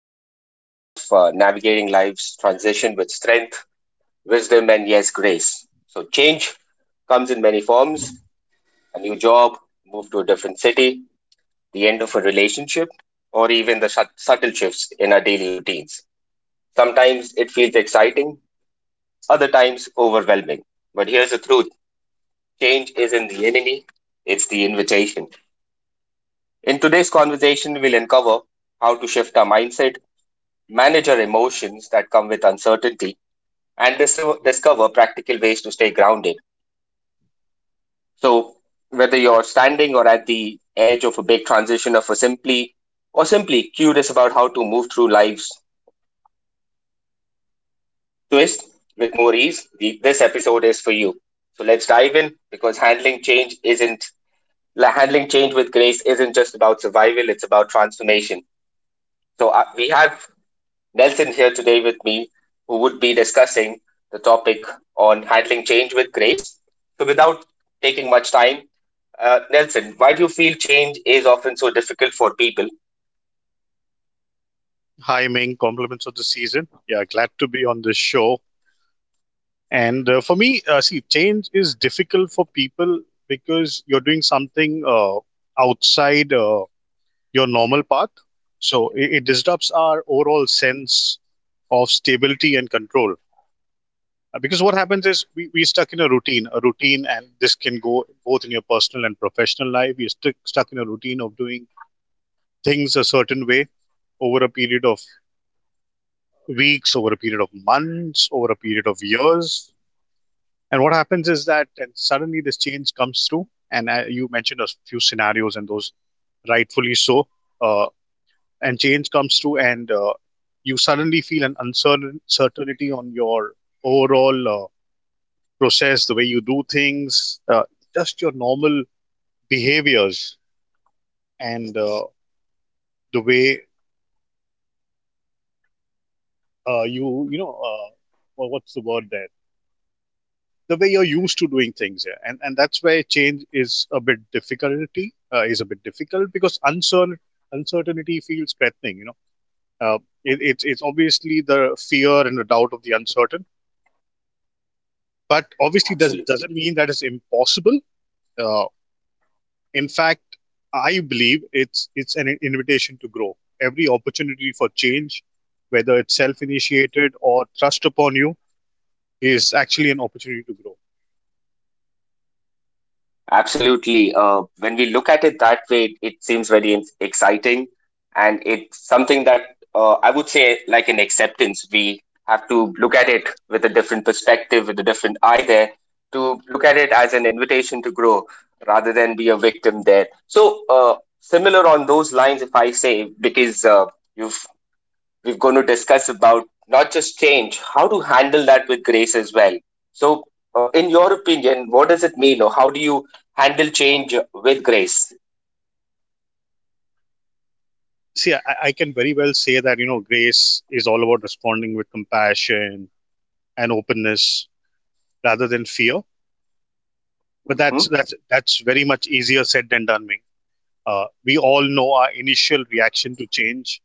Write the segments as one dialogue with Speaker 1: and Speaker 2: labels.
Speaker 1: we explore the art of navigating life's transition with strength, wisdom, and yes, grace. So, change comes in many forms: a new job, move to a different city, the end of a relationship, or even the subtle shifts in our daily routines. Sometimes it feels exciting, other times overwhelming. But here's the truth: change isn't the enemy, it's the invitation. In today's conversation, we'll uncover how to shift our mindset, manage our emotions that come with uncertainty, and discover practical ways to stay grounded. So, whether you're standing or at the edge of a big transition, or simply curious about how to move through life's twist with more ease, this episode is for you. So let's dive in, because handling change isn't la- handling change with grace isn't just about survival; it's about transformation. So we have Nelson here today with me, who would be discussing the topic on handling change with grace. So, without taking much time, Nelson, why do you feel change is often so difficult for people?
Speaker 2: Hi, Ming. Compliments of the season. Yeah, glad to be on this show. And for me, see, change is difficult for people because you're doing something outside your normal path. So it disrupts our overall sense of stability and control. Because what happens is we stuck in a routine, and this can go both in your personal and professional life. We're stuck in a routine of doing things a certain way over a period of weeks, over a period of months, over a period of years. And what happens is that and suddenly this change comes through. And You mentioned a few scenarios, and those rightfully so. Uh, and change comes through, and you suddenly feel an uncertain certainty on your overall process, the way you do things, just your normal behaviors, and the way uh, you, you know, uh, what's the word there? The way you're used to doing things, yeah. And that's where change is a bit difficulty, is a bit difficult because uncertainty feels threatening, you know. Uh, it, it's it's obviously the fear and the doubt of the uncertain, but obviously does
Speaker 1: Absolutely.
Speaker 2: doesn't mean that it's impossible. uh, in fact, I believe it's an invitation to grow. Every opportunity for change, whether it's self initiated or thrust upon you, is actually an opportunity to grow.
Speaker 1: Absolutely. When we look at it that way, it seems very exciting, and it's something that I would say like an acceptance. We have to look at it with a different perspective, with a different eye there, to look at it as an invitation to grow rather than be a victim there. So, similar on those lines, if I say, because you've we're going to discuss about not just change, how to handle that with grace as well. So, in your opinion, what does it mean, or how do you handle change with grace?
Speaker 2: See, I can very well say that, you know, grace is all about responding with compassion and openness rather than fear. But that's
Speaker 1: Hmm.
Speaker 2: that's that's very much easier said than done, Ming. We all know our initial reaction to change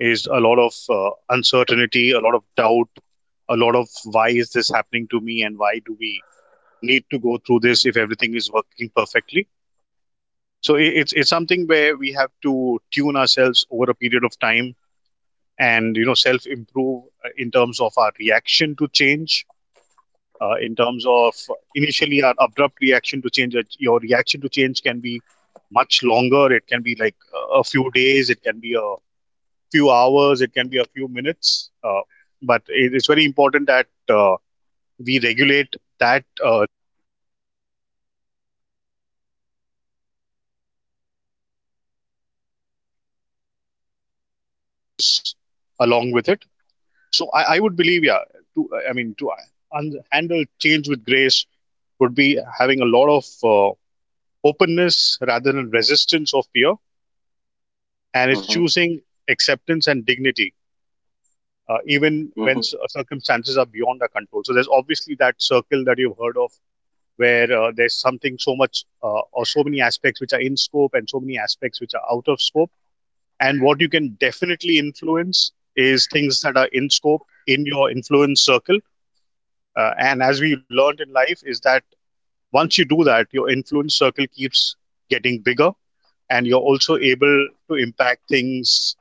Speaker 2: is a lot of uncertainty, a lot of doubt, a lot of why is this happening to me, and why do we need to go through this if everything is working perfectly? So it's something where we have to tune ourselves over a period of time and, you know, self improve in terms of our reaction to change, in terms of initially our abrupt reaction to change. Your reaction to change can be much longer. It can be like a few days, it can be a few hours, it can be a few minutes. But it is very important that uh, we regulate that along with it. I would believe yeah to, I mean, to handle change with grace would be having a lot of openness rather than resistance or fear, and it's
Speaker 1: Hmm.
Speaker 2: choosing acceptance and dignity, even when
Speaker 1: Hmm.
Speaker 2: circumstances are beyond our control. So there's obviously that circle that you've heard of, where there's something so much or so many aspects which are in scope and so many aspects which are out of scope. And what you can definitely influence is things that are in scope, in your influence circle. And as we learned in life, is that once you do that, your influence circle keeps getting bigger and you're also able to impact things,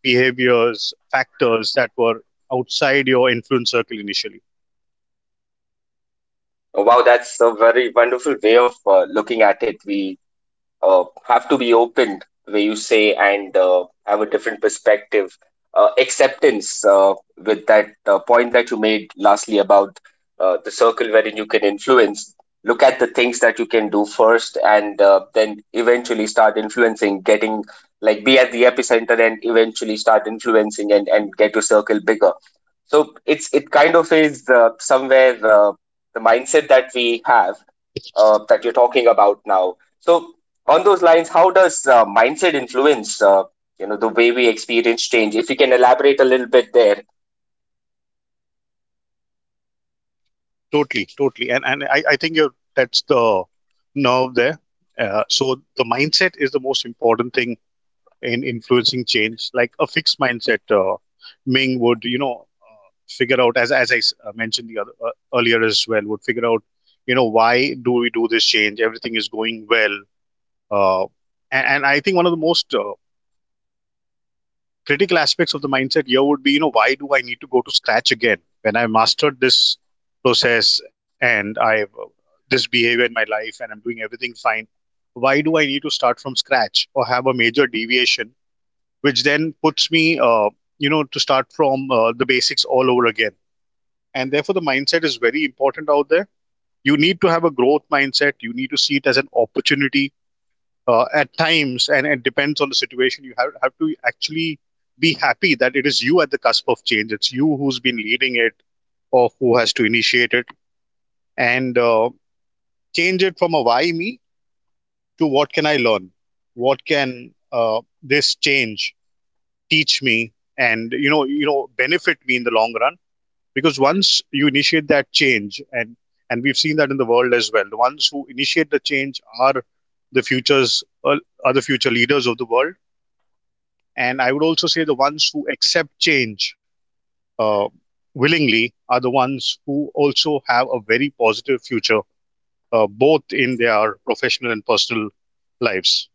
Speaker 2: behaviors, factors that were outside your influence circle initially.
Speaker 1: Wow, that's a very wonderful way of looking at it. We have to be open where you say, and have a different perspective, acceptance, with that point that you made lastly about the circle wherein you can influence, look at the things that you can do first and then eventually start influencing, getting like be at the epicenter and eventually start influencing, and get your circle bigger. So it's, it kind of is somewhere the mindset that we have, that you're talking about now. So on those lines, how does mindset influence, you know, the way we experience change? If you can elaborate a little bit there.
Speaker 2: Totally, totally. And I think you're, that's the nerve there. So the mindset is the most important thing in influencing change. Like a fixed mindset, Ming, would, you know, figure out, as I mentioned the other earlier as well, would figure out, you know, why do we do this change? Everything is going well. Uh, and I think one of the most critical aspects of the mindset here would be, you know, why do I need to go to scratch again when I mastered this process and I have, this behavior in my life, and I'm doing everything fine? Why do I need to start from scratch or have a major deviation which then puts me uh, you know, to start from the basics all over again? And therefore the mindset is very important out there. You need to have a growth mindset, you need to see it as an opportunity, at times, and it depends on the situation. You have to actually be happy that it is you at the cusp of change. It's you who's been leading it or who has to initiate it, and change it from a why me to what can I learn? What can this change teach me, and, you know, benefit me in the long run? Because once you initiate that change, and we've seen that in the world as well, the ones who initiate the change are the futures are the future leaders of the world. And I would also say the ones who accept change uh, willingly are the ones who also have a very positive future, both in their professional and personal lives.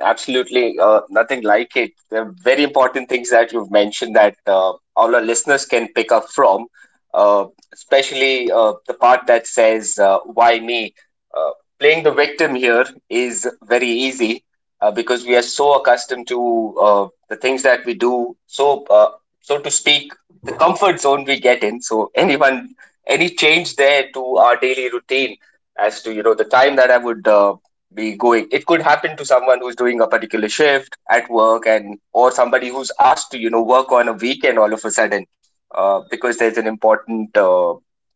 Speaker 1: Absolutely, nothing like it. They're very important things that you've mentioned, that all our listeners can pick up from, uh, especially the part that says, why me? Uh, playing the victim here is very easy because we are so accustomed to the things that we do. So, so to speak, the comfort zone we get in. So, anyone, any change there to our daily routine, as to, you know, the time that I would be going, it could happen to someone who's doing a particular shift at work, and or somebody who's asked to, you know, work on a weekend all of a sudden, because there's an important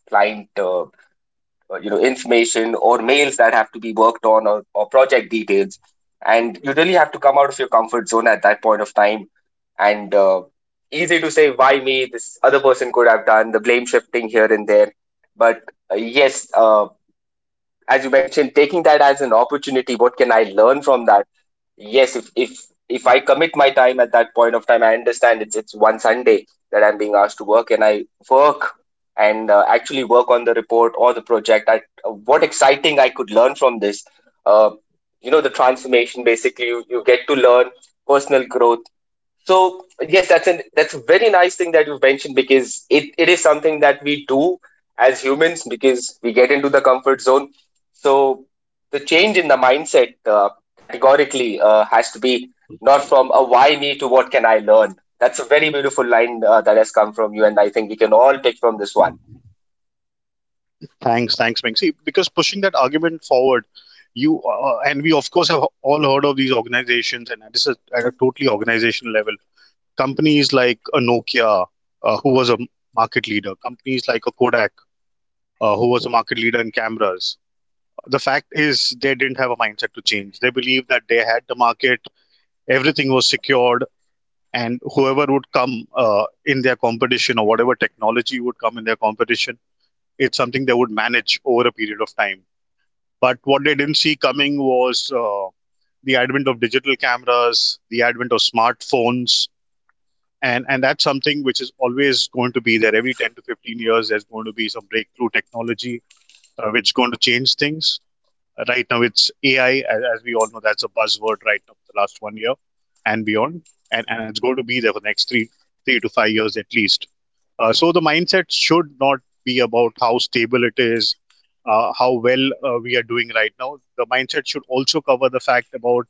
Speaker 1: client you know, information or mails that have to be worked on, or project details, and you really have to come out of your comfort zone at that point of time. And easy to say why me, this other person could have done the blame shifting here and there. But yes, as you mentioned, taking that as an opportunity, what can I learn from that? Yes, if I commit my time at that point of time, I understand it's one Sunday that I'm being asked to work, and I work and actually work on the report or the project. I, what exciting I could learn from this. Uh, you know, the transformation. Basically, you get to learn personal growth. So yes, that's a very nice thing that you've mentioned, because it is something that we do as humans because we get into the comfort zone. So the change in the mindset categorically has to be not from a why me to what can I learn. That's a very beautiful line that has come from you, and I think we can all take from this one.
Speaker 2: Thanks, thanks, Meng. See, because pushing that argument forward, you and we of course have all heard of these organizations, and this is at a totally organizational level. Companies like a Nokia, who was a market leader, companies like a Kodak, who was a market leader in cameras, the fact is they didn't have a mindset to change. They believed that they had the market, everything was secured, and whoever would come in their competition, or whatever technology would come in their competition, it's something they would manage over a period of time. But what they didn't see coming was the advent of digital cameras, the advent of smartphones. And that's something which is always going to be there. Every 10 to 15 years there's going to be some breakthrough technology, which is going to change things. Right now, it's AI, as we all know, that's a buzzword right now for the last 1 year and beyond, and it's going to be there for the next 3 to 5 years at least. So the mindset should not be about how stable it is, how well we are doing right now. The mindset should also cover the fact about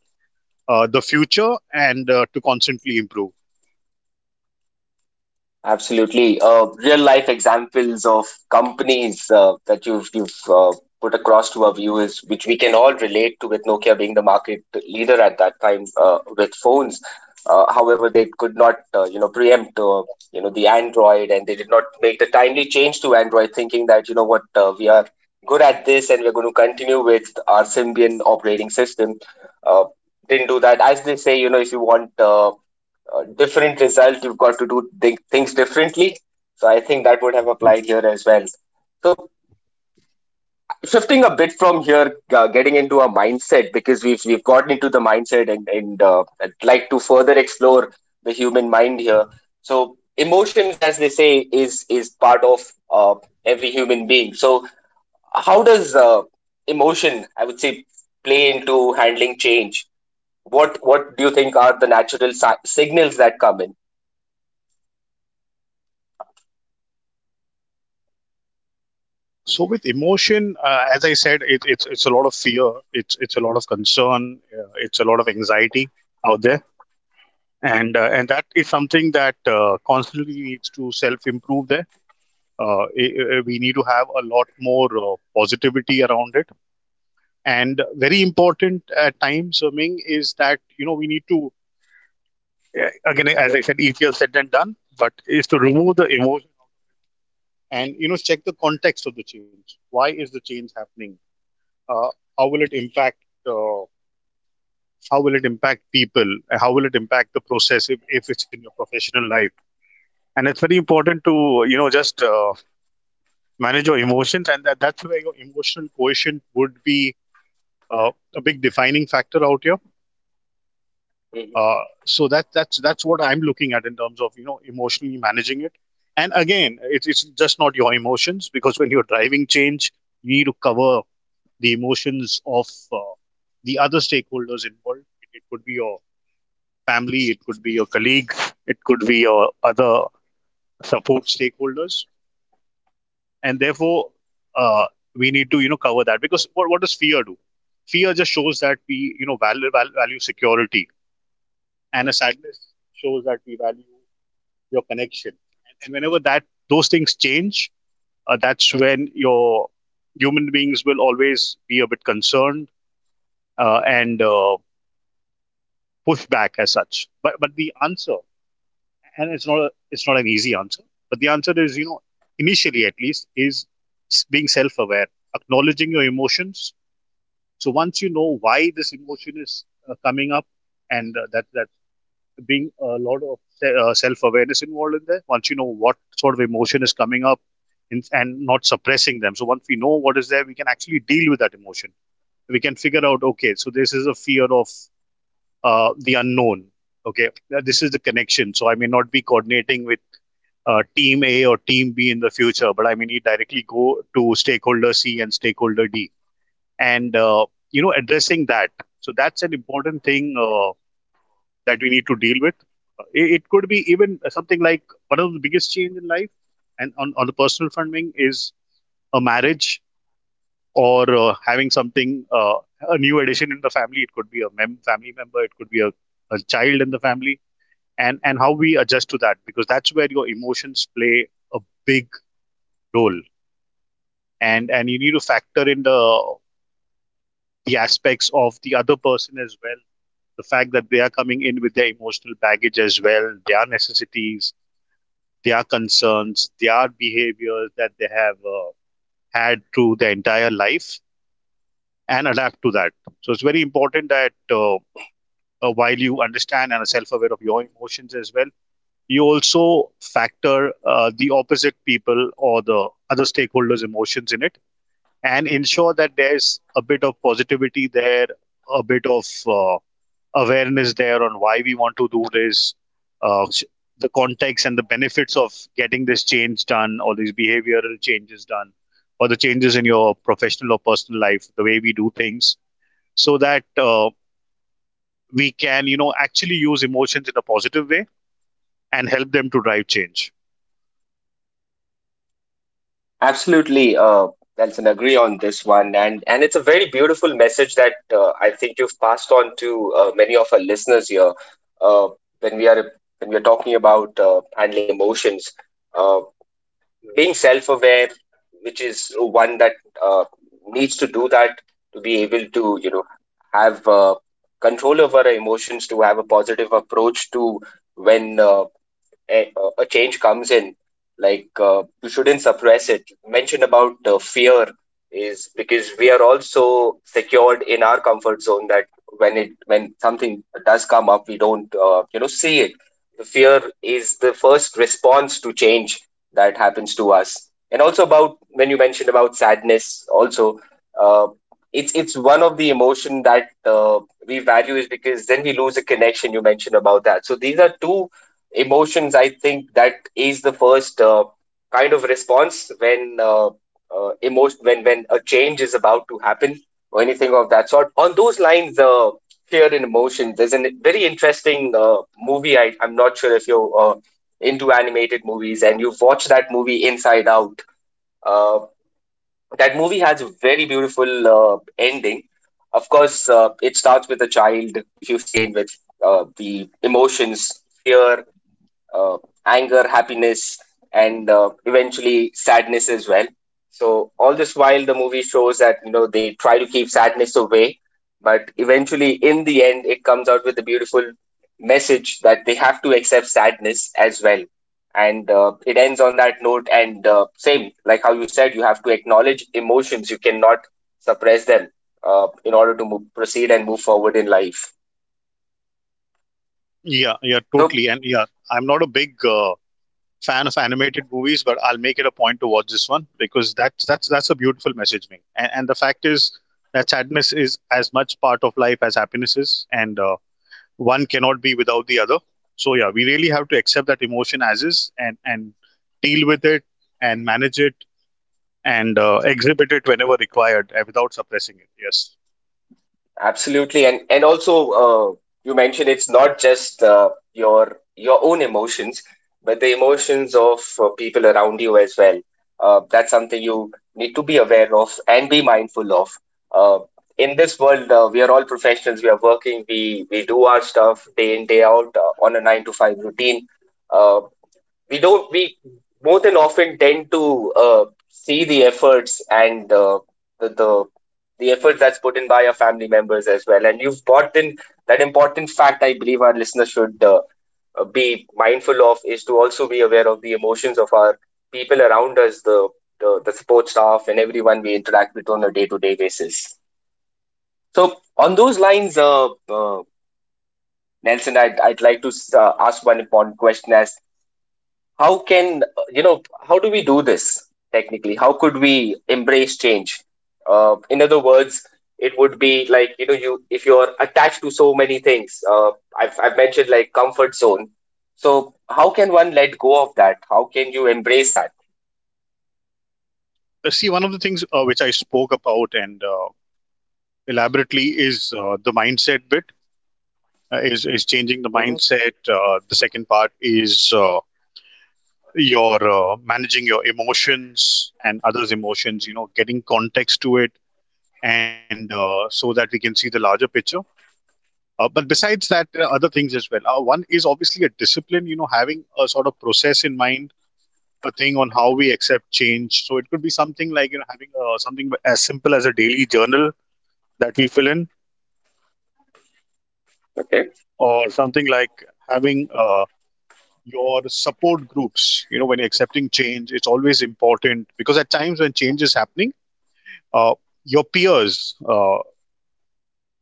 Speaker 2: the future, and to constantly improve.
Speaker 1: Absolutely. Real life examples of companies that you've put across to our viewers, which we can all relate to, with Nokia being the market leader at that time with phones. However, they could not, you know, preempt, you know, the Android, and they did not make the timely change to Android, thinking that, you know what, we are good at this, and we're going to continue with our Symbian operating system. Uh, didn't do that. As they say, you know, if you want different result, you've got to do things differently. So I think that would have applied here as well. So, shifting a bit from here, getting into a mindset, because we've gotten into the mindset, and I'd like to further explore the human mind here. So emotions, as they say, is part of uh, every human being. So how does emotion, I would say, play into handling change? What do you think are the natural signals that come
Speaker 2: So with emotion, as I said, it's a lot of fear, it's a lot of concern, it's a lot of anxiety out there. And that is something that constantly needs to self improve there. uh, we need to have a lot more positivity around it. And very important at times, Ming, is that, you know, we need to, again, as I said, easier said than done, but is to remove the emotion and, you know, check the context of the change. Why is the change happening? uh, how will it impact, uh, how will it impact people, how will it impact the process, if it's in your professional life? And it's very important to, you know, just manage your emotions, and that's where your emotional quotient would be uh, a big defining factor out here.
Speaker 1: in?
Speaker 2: So that's what I'm looking at in terms of, you know, emotionally managing it. And again, it's just not your emotions, because when you're driving change you need to cover the emotions of uh, the other stakeholders involved. It could be your family, it could be your colleagues, it could be your other support stakeholders. And therefore, uh, we need to, you know, cover that. Because what does fear do? Fear just shows that we, you know, value security. And a sadness shows that we value your connection. And whenever that, those things change, that's when your human beings will always be a bit concerned, and push back as such. But the answer, and it's not a, it's not an easy answer, but the answer is, you know, initially at least is being self aware, acknowledging your emotions. So once you know why this emotion is coming up, and that that being a lot of self awareness involved in there. Once you know what sort of emotion is coming up, and not suppressing them. So once we know what is there, we can actually deal with that emotion. We can figure out, okay, so this is a fear of the unknown. Okay, this is the connection. So I may not be coordinating with team A or team B in the future, but I may need directly go to stakeholder C and stakeholder D and addressing that, so that's an important thing that we need to deal with. It could be even something like one of the biggest change in life and on the personal funding is a marriage or having something a new addition in the family. It could be a family member, it could be a child in the family. And how we adjust to that, because that's where your emotions play a big role. And you need to factor in the aspects of the other person as well, the fact that they are coming in with their emotional baggage as well, their necessities, their concerns, their behaviors that they have had through their entire life, and adapt to that. So it's very important that while you understand and are self aware of your emotions as well, you also factor the opposite people or the other stakeholders' emotions in it, and ensure that there's a bit of positivity there, a bit of awareness there on why we want to do this, uh, the context and the benefits of getting this change done, or these behavioral changes done, or the changes in your professional or personal life, the way we do things, so that we can, you know, actually use emotions in a positive way and help them to drive change.
Speaker 1: Absolutely, Nelson, agree on this one, and it's a very beautiful message that I think you've passed on to many of our listeners here. Uh, when we are, when we are talking about handling emotions, uh, being self-aware, which is one that uh, needs to do that, to be able to, you know, have control over our emotions, to have a positive approach to, when a, a change comes in, like you shouldn't suppress it. You mentioned about fear is because we are also secured in our comfort zone, that when it, when something does come up, we don't you know, see it. The fear is the first response to change that happens to us. And also about, when you mentioned about sadness also, uh, it's one of the emotion that we value, is because then we lose a connection, you mentioned about that. So these are two emotions, I think, that is the first kind of response when emotion when a change is about to happen, or anything of that sort. On those lines, fear and emotion, there's a very interesting movie. I, I'm not sure if you're into animated movies and you've watched that movie, Inside Out. uh, that movie has a very beautiful ending. Of course, it starts with a child, if you've seen, with the emotions: fear, uh, anger, happiness, and eventually sadness as well. So all this while the movie shows that, you know, they try to keep sadness away, but eventually in the end it comes out with a beautiful message that they have to accept sadness as well. And it ends on that note. And same like how you said, you have to acknowledge emotions. You cannot suppress them in order to move, proceed and move forward in life.
Speaker 2: Yeah, yeah,
Speaker 1: So.
Speaker 2: totally. And yeah, I'm not a big fan of animated movies, but I'll make it a point to watch this one, because that's a beautiful message, Ming. And the fact is that sadness is as much part of life as happiness is, and one cannot be without the other. So yeah, we really have to accept that emotion as is, and deal with it and manage it, and exhibit it whenever required without suppressing it. Yes.
Speaker 1: Absolutely, and also you mentioned it's not just your own emotions, but the emotions of people around you as well. That's something you need to be aware of and be mindful of. Uh, in this world, we are all professionals. We are working. We do our stuff day in day out on a 9 to 5 routine. Uh, we don't, we more than often tend to see the efforts and the, the the effort that's put in by our family members as well. And you've brought in that important fact. I believe our listeners should be mindful of, is to also be aware of the emotions of our people around us, the the support staff and everyone we interact with on a day-to-day basis. So on those lines, uh, Nelson, I'd like to ask one important question, as how can, you know, how do we do this technically? How could we embrace change? In other words, it would be like, you know, you if you're attached to so many things, I've mentioned like comfort zone. So how can one let go of that? How can you embrace that?
Speaker 2: See, one of the things which I spoke about and elaborately is the mindset bit, is changing the
Speaker 1: Hmm.
Speaker 2: mindset. The second part is your managing your emotions and others' emotions. You know, getting context to it, and so that we can see the larger picture. But besides that, there are other things as well. One is obviously a discipline. You know, having a sort of process in mind, a thing on how we accept change. So it could be something like, you know, having something as simple as a daily journal that we fill in,
Speaker 1: Okay.
Speaker 2: or something like having your support groups. You know, when you're accepting change, it's always important, because at times when change is happening, uh, your peers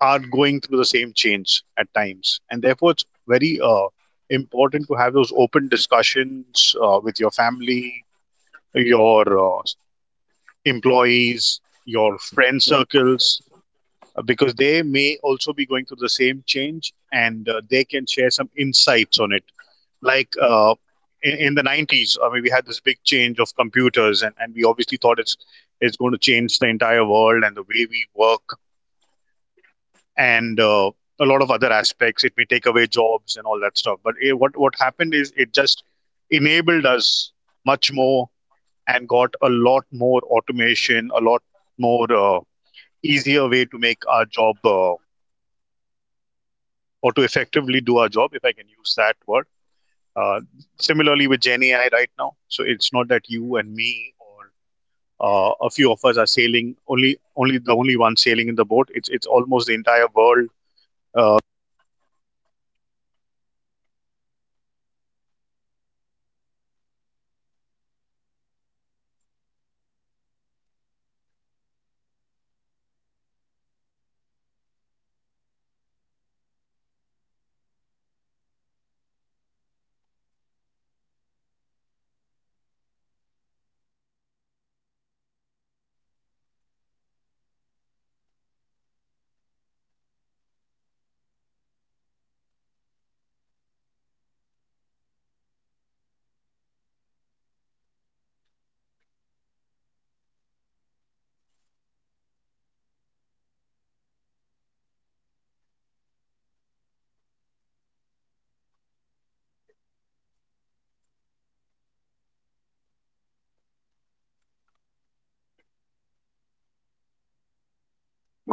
Speaker 2: are going through the same change at times, and therefore it's very important to have those open discussions with your family, your uh, employees, your friend circles, because they may also be going through the same change, and they can share some insights on it. Like in the 90s, I mean, we had this big change of computers, and we obviously thought it's going to change the entire world and the way we work, and a lot of other aspects, it may take away jobs and all that stuff, but it, what happened is it just enabled us much more, and got a lot more automation, a lot more easier way to make our job or to effectively do our job, if I can use that word. Uh, Similarly with Gen AI right now, so it's not that you and me, or a few of us are sailing, only only the only one sailing in the boat. It's almost the entire world, uh,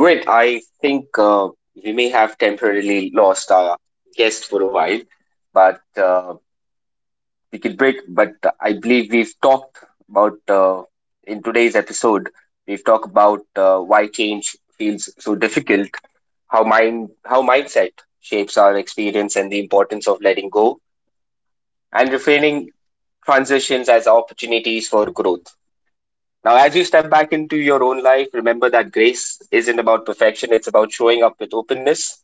Speaker 1: Great. I think we may have temporarily lost our guest for a while, but we could break, but I believe we've talked about in today's episode. We've talked about why change feels so difficult, how mindset shapes our experience, and the importance of letting go and reframing transitions as opportunities for growth. Now, as you step back into your own life, remember that grace isn't about perfection; it's about showing up with openness,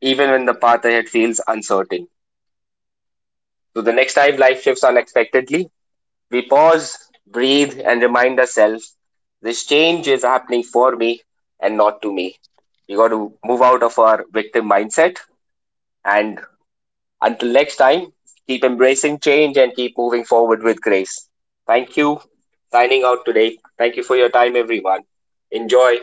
Speaker 1: even when the path ahead feels uncertain. So, the next time life shifts unexpectedly, we pause, breathe, and remind ourselves: this change is happening for me and not to me. We got to move out of our victim mindset. And until next time, keep embracing change and keep moving forward with grace. Thank you. Signing out today. Thank you for your time, everyone. Enjoy.